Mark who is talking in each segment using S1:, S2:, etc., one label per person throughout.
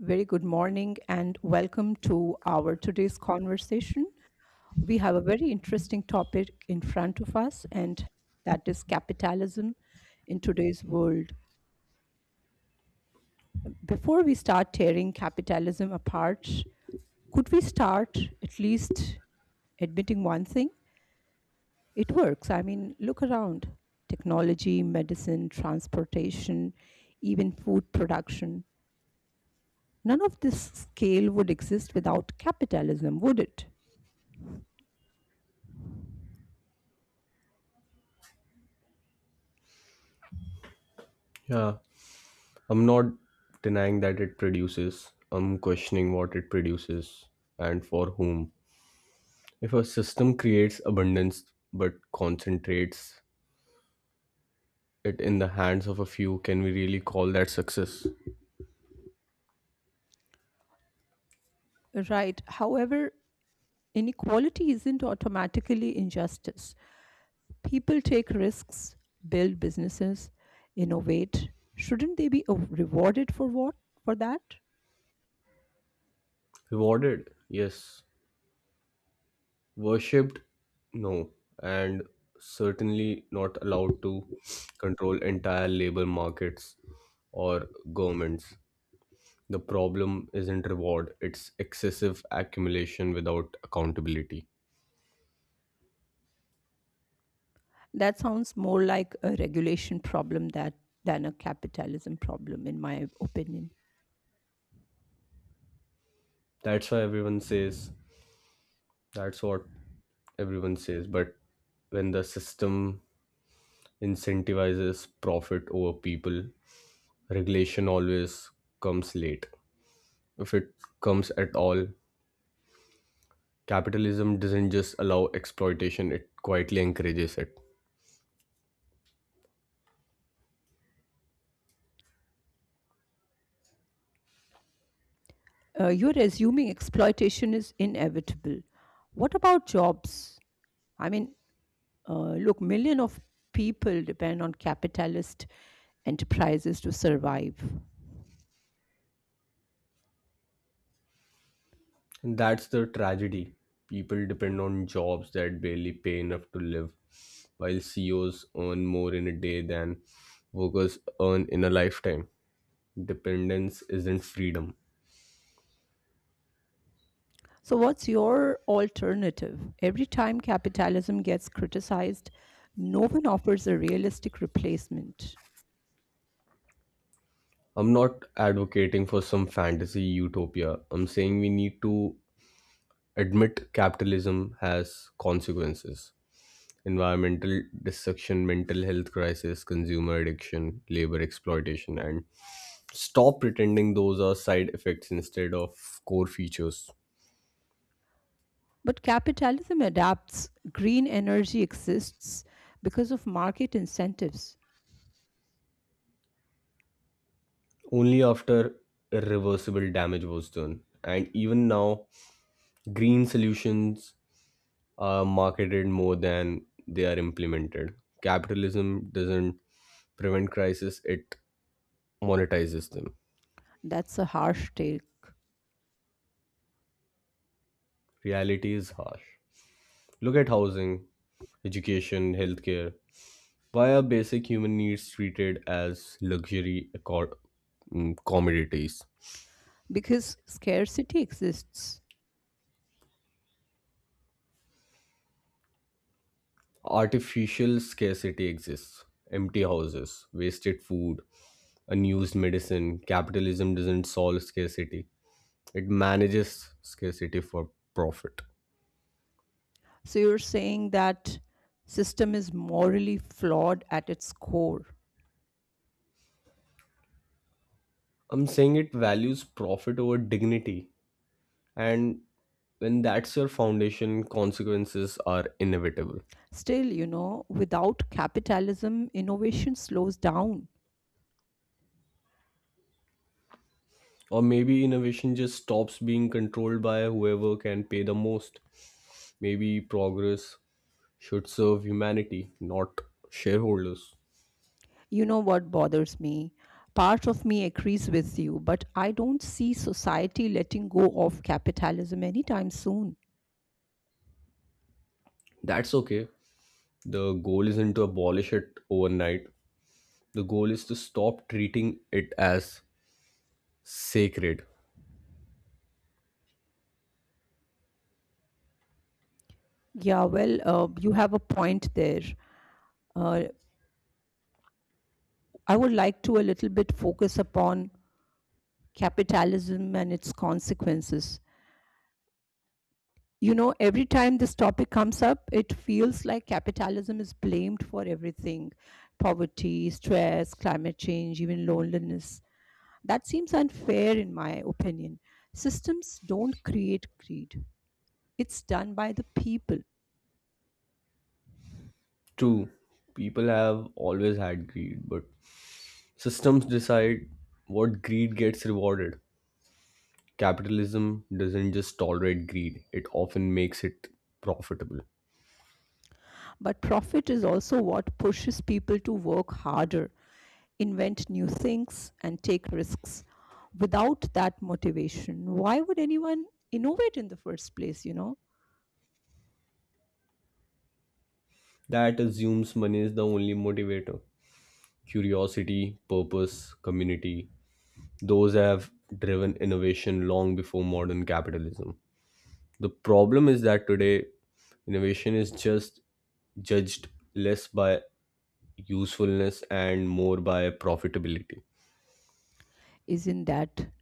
S1: Very good morning and welcome to our today's conversation. We have a very interesting topic in front of us, and that is capitalism in today's world. Before we start tearing capitalism apart, could we start at least admitting one thing? It works. I mean, look around technology, medicine, transportation, even food production. None of this scale would exist without capitalism, would it?
S2: Yeah, I'm not denying that it produces. I'm questioning what it produces and for whom. If a system creates abundance but concentrates it in the hands of a few, can we really call that success?
S1: Right. However, inequality isn't automatically injustice. People take risks, build businesses, innovate. Shouldn't they be rewarded for what? For that?
S2: Rewarded? Yes. Worshipped? No. And certainly not allowed to control entire labor markets or governments. The problem isn't reward, it's excessive accumulation without accountability.
S1: That sounds more like a regulation problem that than a capitalism problem, in my opinion.
S2: That's why everyone says that's what everyone says. But when the system incentivizes profit over people, regulation always comes late. If it comes at all, capitalism doesn't just allow exploitation, it quietly encourages it.
S1: You're assuming exploitation is inevitable. What about jobs? I mean, Look, million of people depend on capitalist enterprises to survive.
S2: And that's the tragedy. People depend on jobs that barely pay enough to live, while CEOs earn more in a day than workers earn in a lifetime. Dependence isn't freedom.
S1: So, what's your alternative? Every time capitalism gets criticized, no one offers a realistic replacement.
S2: I'm not advocating for some fantasy utopia. I'm saying we need to admit capitalism has consequences. Environmental destruction, mental health crisis, consumer addiction, labor exploitation, and stop pretending those are side effects instead of core features.
S1: But capitalism adapts. Green energy exists because of market incentives.
S2: Only after irreversible damage was done. And even now, green solutions are marketed more than they are implemented. Capitalism doesn't prevent crisis; it monetizes them.
S1: That's a harsh take
S2: Reality is harsh. Look at housing, education, healthcare. Why are basic human needs treated as luxury commodities?
S1: because scarcity exists.
S2: Artificial scarcity exists. Empty houses, wasted food, unused medicine. Capitalism doesn't solve scarcity, it manages scarcity for profit.
S1: So, you're saying that system is morally flawed at its core.
S2: I'm saying it values profit over dignity. And when that's your foundation, consequences are inevitable.
S1: Still, without capitalism, innovation slows down.
S2: Or maybe innovation just stops being controlled by whoever can pay the most. Maybe progress should serve humanity, not shareholders.
S1: You know what bothers me? Part of me agrees with you, but I don't see society letting go of capitalism anytime soon.
S2: That's okay. The goal isn't to abolish it overnight, the goal is to stop treating it as sacred.
S1: Yeah, well, you have a point there. Uh, I would like to a little bit focus upon capitalism and its consequences. You know, every time this topic comes up, it feels like capitalism is blamed for everything: poverty, stress, climate change, even loneliness. That seems unfair, in my opinion. Systems don't create greed, it's done by the people.
S2: True, people have always had greed, but systems decide what greed gets rewarded. Capitalism doesn't just tolerate greed, it often makes it profitable.
S1: But profit is also what pushes people to work harder, invent new things, and take risks. Without that motivation, why would anyone innovate in the first place?
S2: That assumes money is the only motivator. Curiosity, purpose, community, those have driven innovation long before modern capitalism. The problem is that today, innovation is just judged less by usefulness and more by profitability.
S1: Isn't that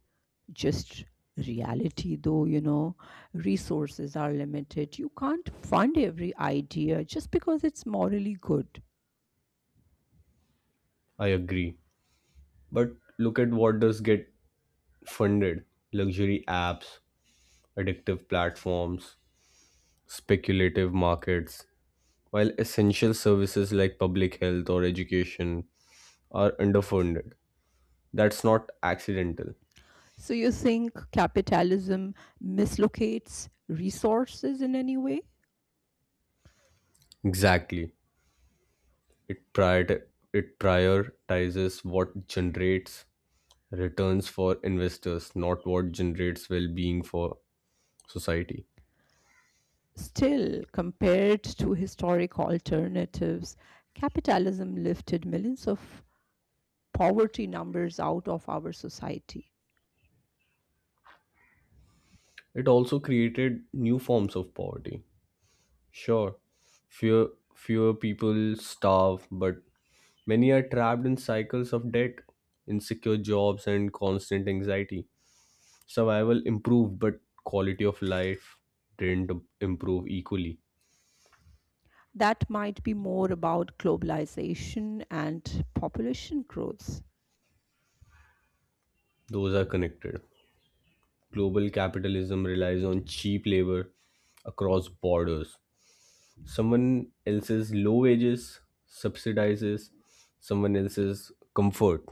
S1: just reality though, resources are limited, you can't fund every idea just because it's morally good.
S2: I agree. But look at what does get funded: luxury apps, addictive platforms, speculative markets, while essential services like public health or education are underfunded. That's not accidental.
S1: So you think capitalism mislocates resources in any way?
S2: Exactly. It it prioritizes what generates returns for investors, not what generates well being for society.
S1: Still, compared to historic alternatives, capitalism lifted millions of poverty numbers out of our society.
S2: It also created new forms of poverty. Sure, fewer fewer people starve, but many are trapped in cycles of debt, insecure jobs, and constant anxiety. Survival improved, but quality of life didn't improve equally.
S1: That might be more about globalization and population growth.
S2: Those are connected. Global capitalism relies on cheap labor across borders. Someone else's low wages subsidizes someone else's comfort,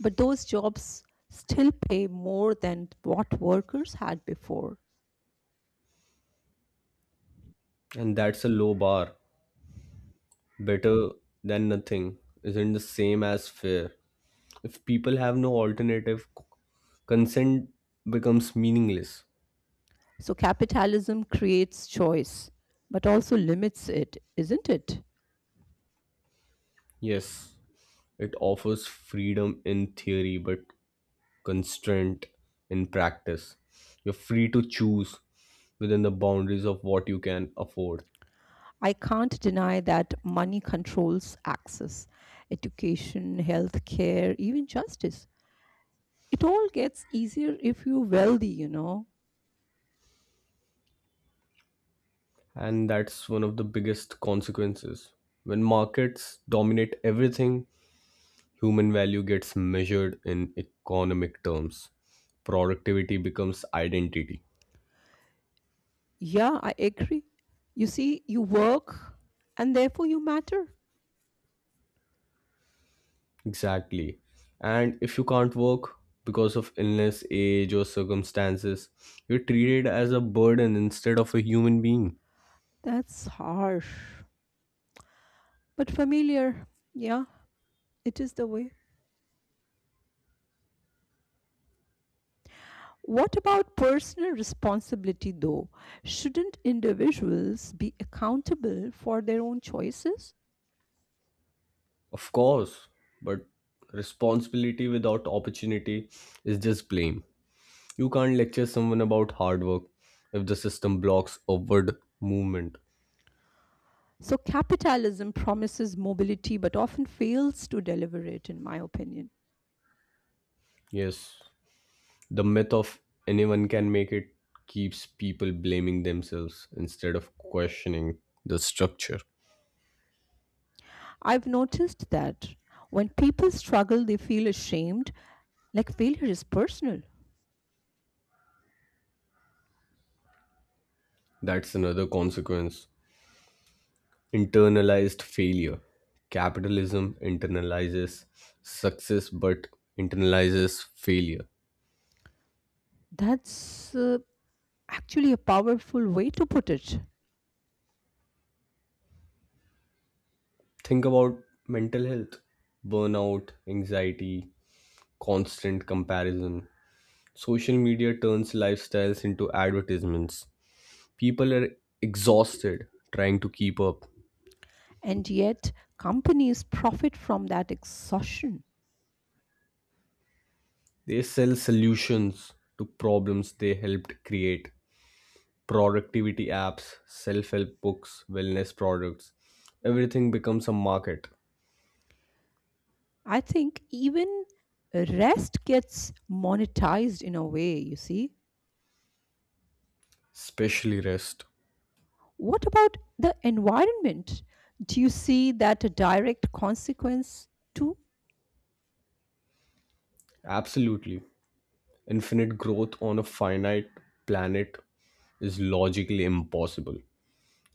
S1: But those jobs still pay more than what workers had before.
S2: and that's a low bar. Better than nothing isn't the same as fair. If people have no alternative, consent becomes meaningless.
S1: So capitalism creates choice, but also limits it, isn't it?
S2: Yes, it offers freedom in theory, but constraint in practice. You're free to choose within the boundaries of what you can afford.
S1: I can't deny that money controls access, education, healthcare, even justice. It all gets easier if you're wealthy, you know.
S2: And that's one of the biggest consequences. When markets dominate everything, human value gets measured in economic terms. Productivity becomes identity.
S1: Yeah, I agree. You see, you work and therefore you matter.
S2: Exactly. And if you can't work because of illness, age, or circumstances, you're treated as a burden instead of a human being.
S1: That's harsh, but familiar. Yeah, it is the way. What about personal responsibility, though? Shouldn't individuals be accountable for their own choices?
S2: Of course, but responsibility without opportunity is just blame. You can't lecture someone about hard work if the system blocks upward movement.
S1: So, capitalism promises mobility but often fails to deliver it, in my opinion.
S2: Yes. The myth of anyone can make it keeps people blaming themselves instead of questioning the structure.
S1: I've noticed that when people struggle, they feel ashamed, like failure is personal.
S2: That's another consequence. Internalized failure. Capitalism internalizes success but internalizes failure.
S1: That's actually a powerful way to put it.
S2: Think about mental health, burnout, anxiety, constant comparison. Social media turns lifestyles into advertisements. People are exhausted trying to keep up.
S1: And yet, companies profit from that exhaustion.
S2: They sell solutions to problems they helped create: productivity apps, self help books, wellness products. Everything becomes a market,
S1: I think even rest gets monetized in a way, you see.
S2: especially rest.
S1: What about the environment? Do you see that a direct consequence too?
S2: Absolutely. Infinite growth on a finite planet is logically impossible.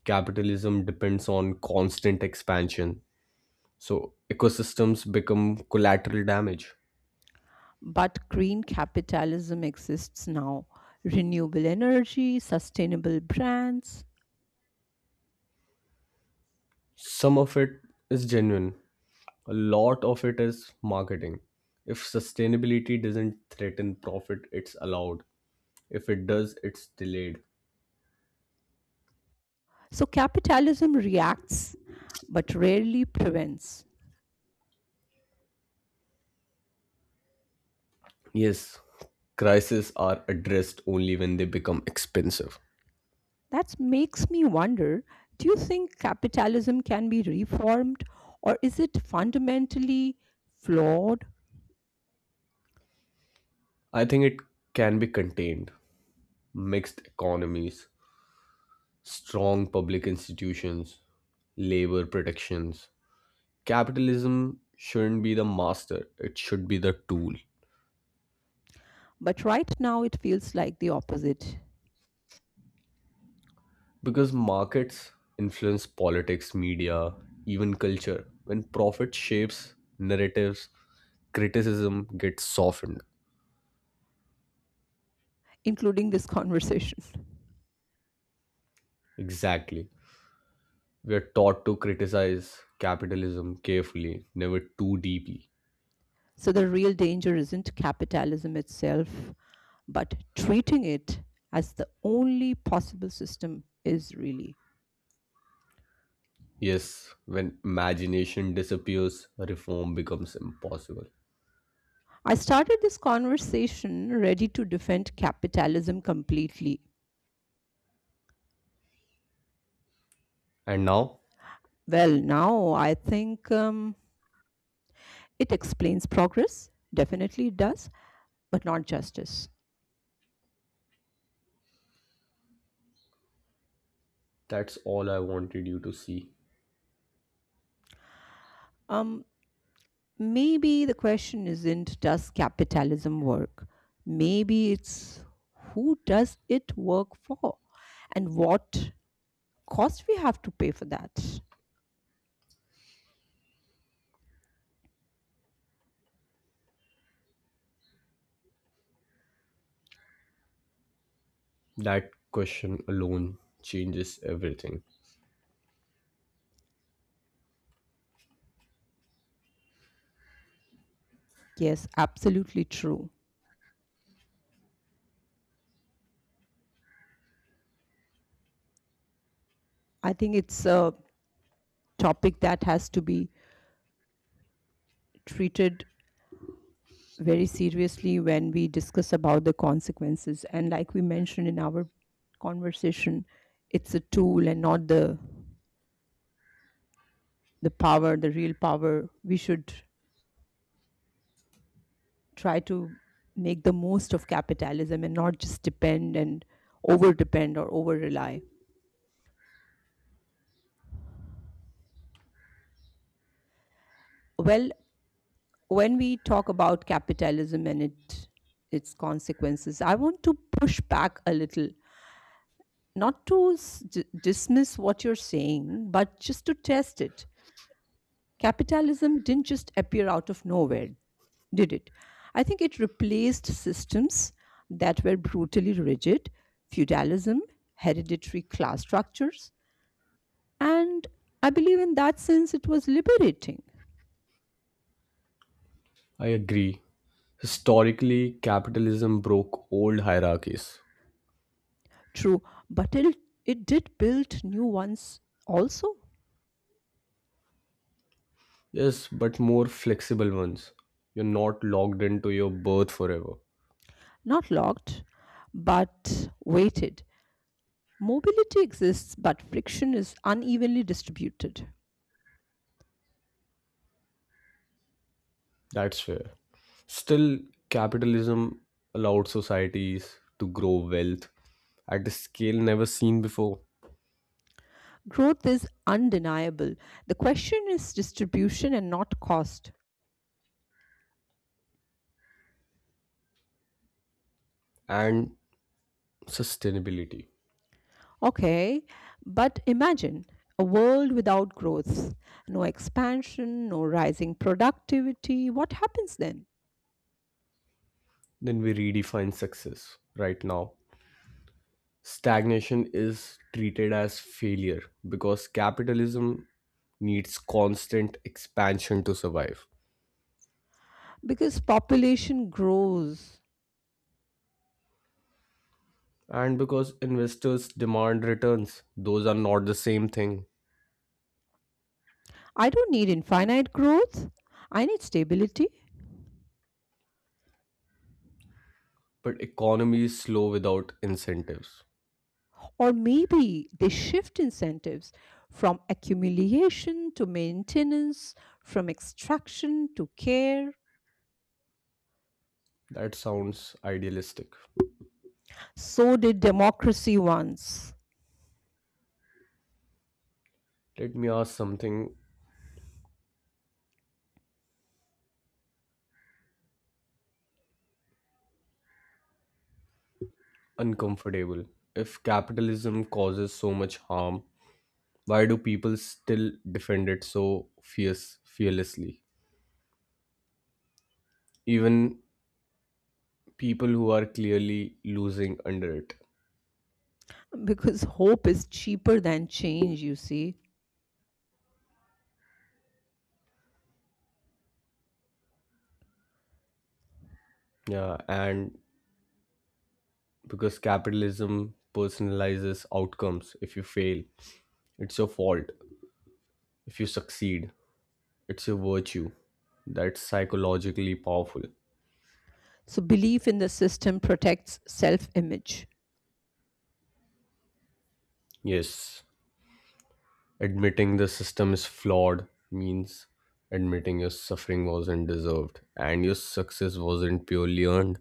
S2: Capitalism depends on constant expansion, so ecosystems become collateral damage.
S1: But green capitalism exists now: renewable energy, sustainable brands.
S2: Some of it is genuine, a lot of it is marketing. If sustainability doesn't threaten profit it's allowed, if it does it's delayed.
S1: So capitalism reacts but rarely prevents.
S2: Yes, crises are addressed only when they become expensive.
S1: That makes me wonder, do you think capitalism can be reformed or is it fundamentally flawed?
S2: I think it can be contained: mixed economies, strong public institutions, labor protections. Capitalism shouldn't be the master, it should be the tool.
S1: But right now it feels like the opposite,
S2: Because markets influence politics, media, even culture. When profit shapes narratives, criticism gets softened.
S1: including this conversation.
S2: Exactly. We are taught to criticize capitalism carefully, never too deeply.
S1: So the real danger isn't capitalism itself, but treating it as the only possible system is really.
S2: Yes, when imagination disappears, reform becomes impossible.
S1: I started this conversation ready to defend capitalism completely.
S2: And now,
S1: Well, now I think it explains progress, definitely it does, but not justice.
S2: that's all I wanted you to see.
S1: Um, Maybe the question isn't does capitalism work? Maybe it's who does it work for? And what cost we have to pay for that.
S2: That question alone changes everything.
S1: Yes, absolutely true. I think it's a topic that has to be treated very seriously when we discuss about the consequences. And like we mentioned in our conversation, it's a tool and not the power, the real power. We should try to make the most of capitalism and not just depend and over depend or over rely. Well, when we talk about capitalism and it its consequences, I want to push back a little, not to dismiss what you're saying but just to test it. Capitalism didn't just appear out of nowhere, did it? I think it replaced systems that were brutally rigid: feudalism, hereditary class structures, and I believe in that sense it was liberating.
S2: I agree. Historically, capitalism broke old hierarchies.
S1: True, but it did build new ones also.
S2: Yes, but more flexible ones. You're not locked into your birth forever.
S1: Not locked, but weighted. Mobility exists, but friction is unevenly distributed.
S2: That's fair. Still, capitalism allowed societies to grow wealth at a scale never seen before,
S1: Growth is undeniable. The question is distribution and not cost.
S2: and sustainability.
S1: Okay, but imagine a world without growth, no expansion, no rising productivity. What happens then?
S2: Then we redefine success. Right now stagnation is treated as failure because capitalism needs constant expansion to survive.
S1: Because population grows.
S2: And because investors demand returns, those are not the same thing.
S1: I don't need infinite growth, I need stability.
S2: But economy is slow without incentives.
S1: Or maybe they shift incentives from accumulation to maintenance, from extraction to care.
S2: That sounds idealistic.
S1: So did democracy once,
S2: Let me ask something uncomfortable. If capitalism causes so much harm, why do people still defend it so fierce fearlessly? Even people who are clearly losing under it.
S1: because hope is cheaper than change, you see.
S2: Yeah, and because capitalism personalizes outcomes. If you fail, it's your fault. If you succeed, it's your virtue. That's psychologically powerful.
S1: So belief in the system protects self image.
S2: Yes, admitting the system is flawed means admitting your suffering wasn't deserved and your success wasn't purely earned.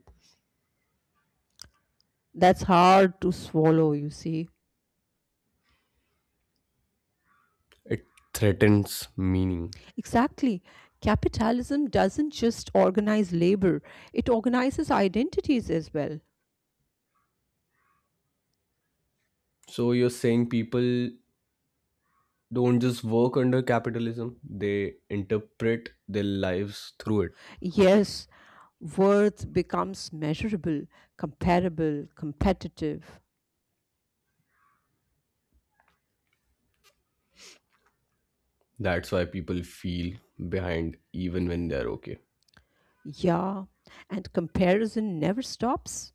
S1: That's hard to swallow, you see.
S2: It threatens meaning.
S1: Exactly. Capitalism doesn't just organize labor, it organizes identities as well.
S2: So you're saying people don't just work under capitalism, they interpret their lives through it.
S1: Yes, worth becomes measurable, comparable, competitive.
S2: That's why people feel behind even when they're okay.
S1: Yeah, and comparison never stops.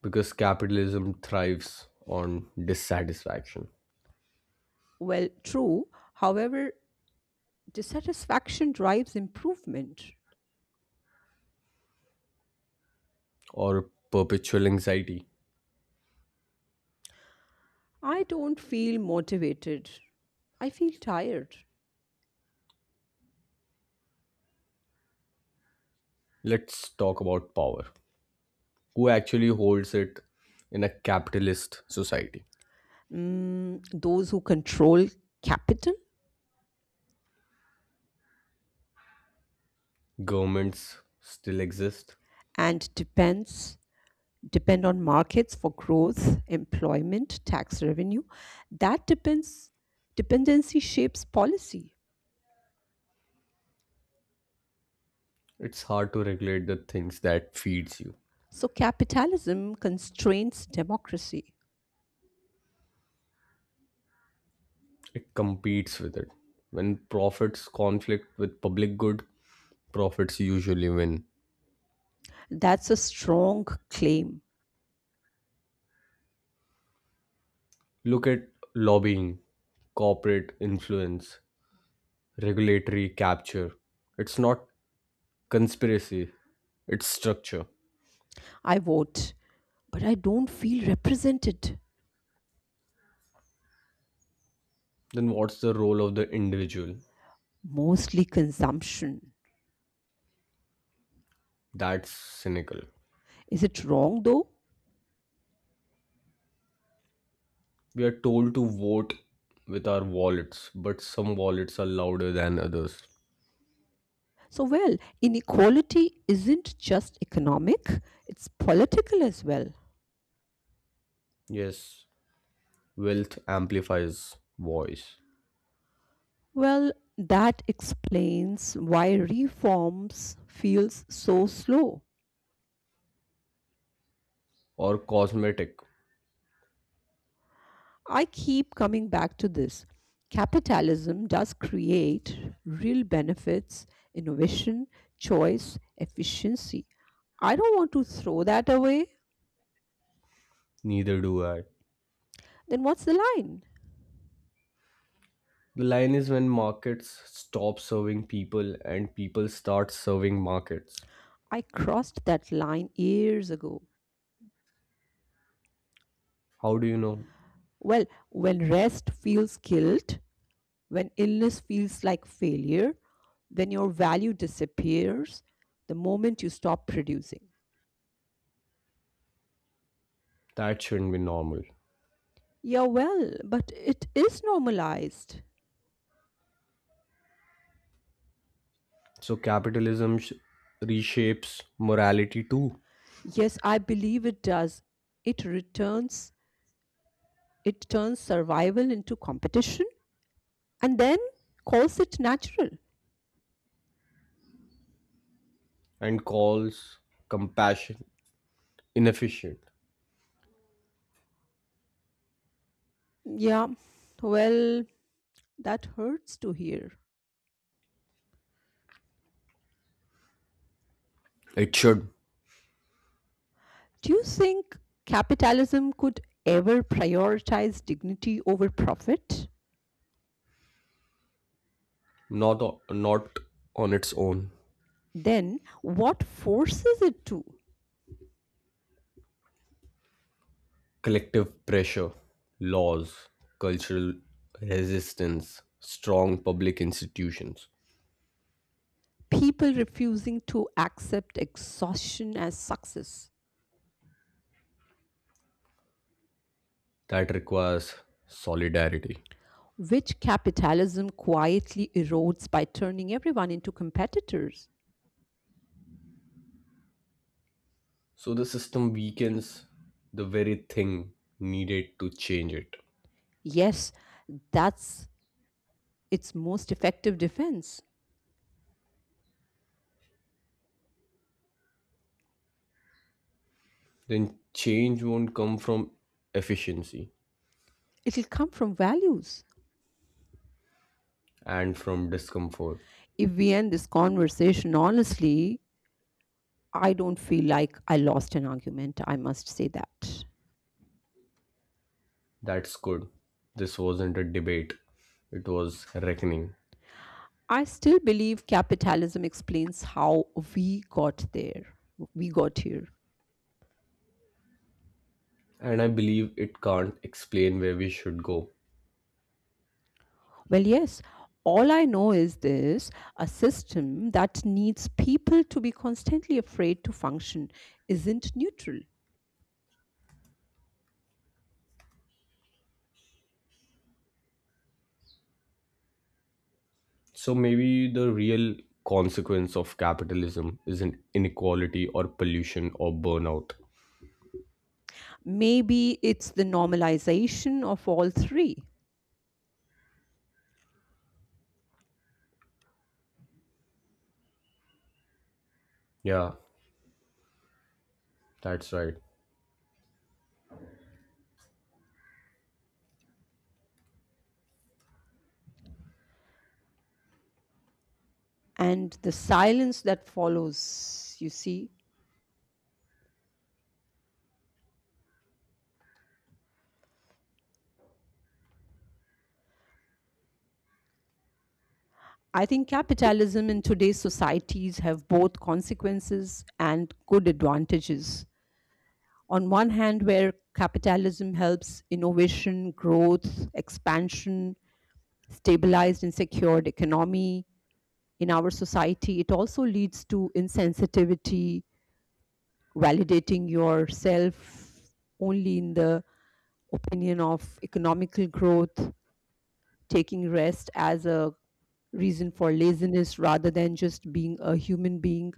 S2: Because capitalism thrives on dissatisfaction
S1: Well, true. However, dissatisfaction drives improvement.
S2: or perpetual anxiety.
S1: I don't feel motivated. I feel tired.
S2: Let's talk about power. Who actually holds it in a capitalist society?
S1: Mm, those who control capital
S2: Governments still exist.
S1: and depend on markets for growth, employment, tax revenue. That depends Dependency shapes policy.
S2: It's hard to regulate the things that feeds you.
S1: So capitalism constrains democracy.
S2: It competes with it. When profits conflict with public good, profits usually win.
S1: That's a strong claim.
S2: Look at lobbying, corporate influence, regulatory capture. It's not conspiracy, it's structure.
S1: I vote, but I don't feel represented.
S2: Then what's the role of the individual?
S1: Mostly consumption.
S2: That's cynical.
S1: Is it wrong though?
S2: We are told to vote with our wallets, but some wallets are louder than others.
S1: So, well, inequality isn't just economic, it's political as well.
S2: Yes, wealth amplifies voice,
S1: Well, that explains why reforms feels so slow.
S2: or cosmetic.
S1: I keep coming back to this. Capitalism does create real benefits: innovation, choice, efficiency. I don't want to throw that away.
S2: Neither do I.
S1: Then what's the line?
S2: The line is when markets stop serving people and people start serving markets.
S1: I crossed that line years ago.
S2: How do you know?
S1: Well, when rest feels guilt, when illness feels like failure, when your value disappears the moment you stop producing.
S2: That shouldn't be normal.
S1: Yeah, well, but it is normalized.
S2: So capitalism reshapes morality too,
S1: Yes, I believe it does. It returns, it turns survival into competition and then calls it natural.
S2: and calls compassion inefficient.
S1: Yeah, well, that hurts to hear.
S2: It should.
S1: Do you think capitalism could ever prioritize dignity over profit?
S2: Not on its own.
S1: Then, what forces it to?
S2: Collective pressure, laws, cultural resistance, strong public institutions.
S1: People refusing to accept exhaustion as success,
S2: That requires solidarity.
S1: which capitalism quietly erodes by turning everyone into competitors.
S2: So the system weakens the very thing needed to change it.
S1: Yes, that's its most effective defense.
S2: Then change won't come from efficiency,
S1: It'll come from values.
S2: and from discomfort.
S1: If we end this conversation honestly, I don't feel like I lost an argument. I must say that.
S2: That's good. This wasn't a debate, it was reckoning.
S1: I still believe capitalism explains how we got there. we got here.
S2: And I believe it can't explain where we should go.
S1: Well, yes. All I know is this: a system that needs people to be constantly afraid to function isn't neutral.
S2: So maybe the real consequence of capitalism isn't inequality or pollution or burnout.
S1: Maybe it's the normalization of all three
S2: Yeah, that's right.
S1: and the silence that follows, you see. I think capitalism in today's societies have both consequences and good advantages. On one hand, where capitalism helps innovation, growth, expansion, stabilized and secured economy, in our society, it also leads to insensitivity, validating yourself only in the opinion of economical growth, taking rest as a reason for laziness rather than just being a human being.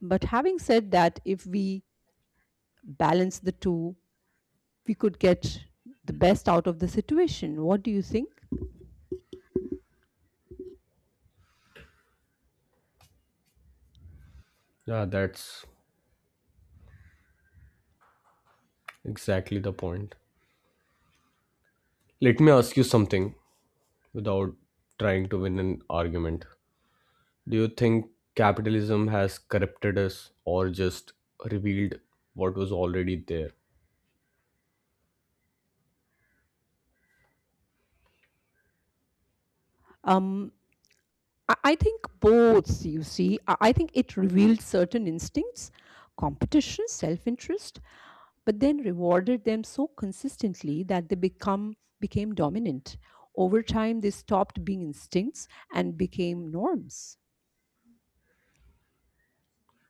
S1: But having said that, if we balance the two, we could get the best out of the situation. What do you think?
S2: Yeah, that's exactly the point. Let me ask you something, without trying to win an argument. Do you think capitalism has corrupted us or just revealed what was already there?
S1: Um, I think both, you see. I think it revealed certain instincts: competition, self interest, but then rewarded them so consistently that they become became dominant. Over time, they stopped being instincts and became norms.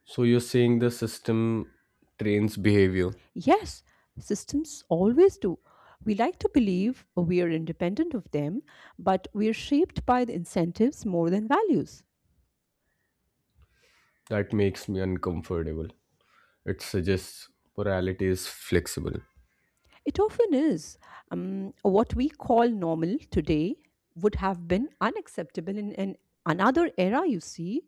S2: So you're saying the system trains behavior.
S1: Yes, systems always do. We like to believe we are independent of them, but we are shaped by the incentives more than values.
S2: That makes me uncomfortable. It suggests morality is flexible.
S1: It often is. What we call normal today would have been unacceptable in another era, you see.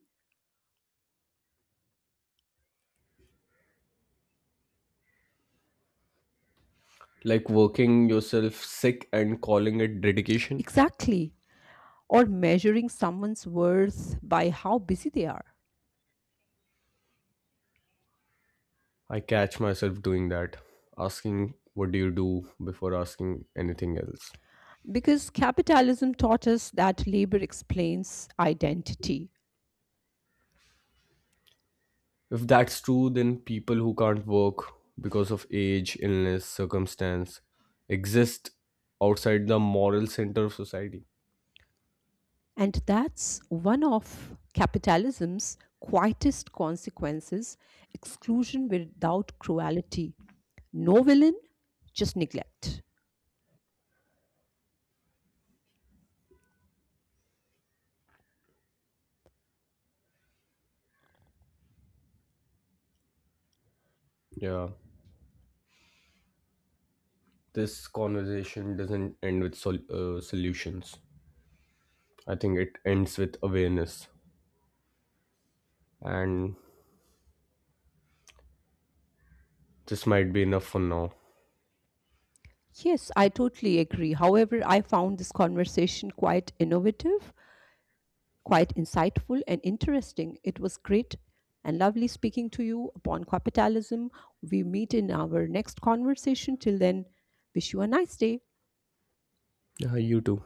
S2: Like working yourself sick and calling it dedication.
S1: Exactly. Or measuring someone's worth by how busy they are.
S2: I catch myself doing that, asking, "What do you do?" before asking anything else.
S1: Because capitalism taught us that labor explains identity.
S2: If that's true, then people who can't work because of age, illness, circumstance exist outside the moral center of society.
S1: And that's one of capitalism's quietest consequences: exclusion without cruelty. No villain, just neglect.
S2: Yeah, this conversation doesn't end with solutions. I think it ends with awareness, and this might be enough for now.
S1: Yes, I totally agree. However, I found this conversation quite innovative, quite insightful and interesting. It was great and lovely speaking to you upon capitalism. We meet in our next conversation. Till then, wish you a nice day.
S2: Yeah, you too.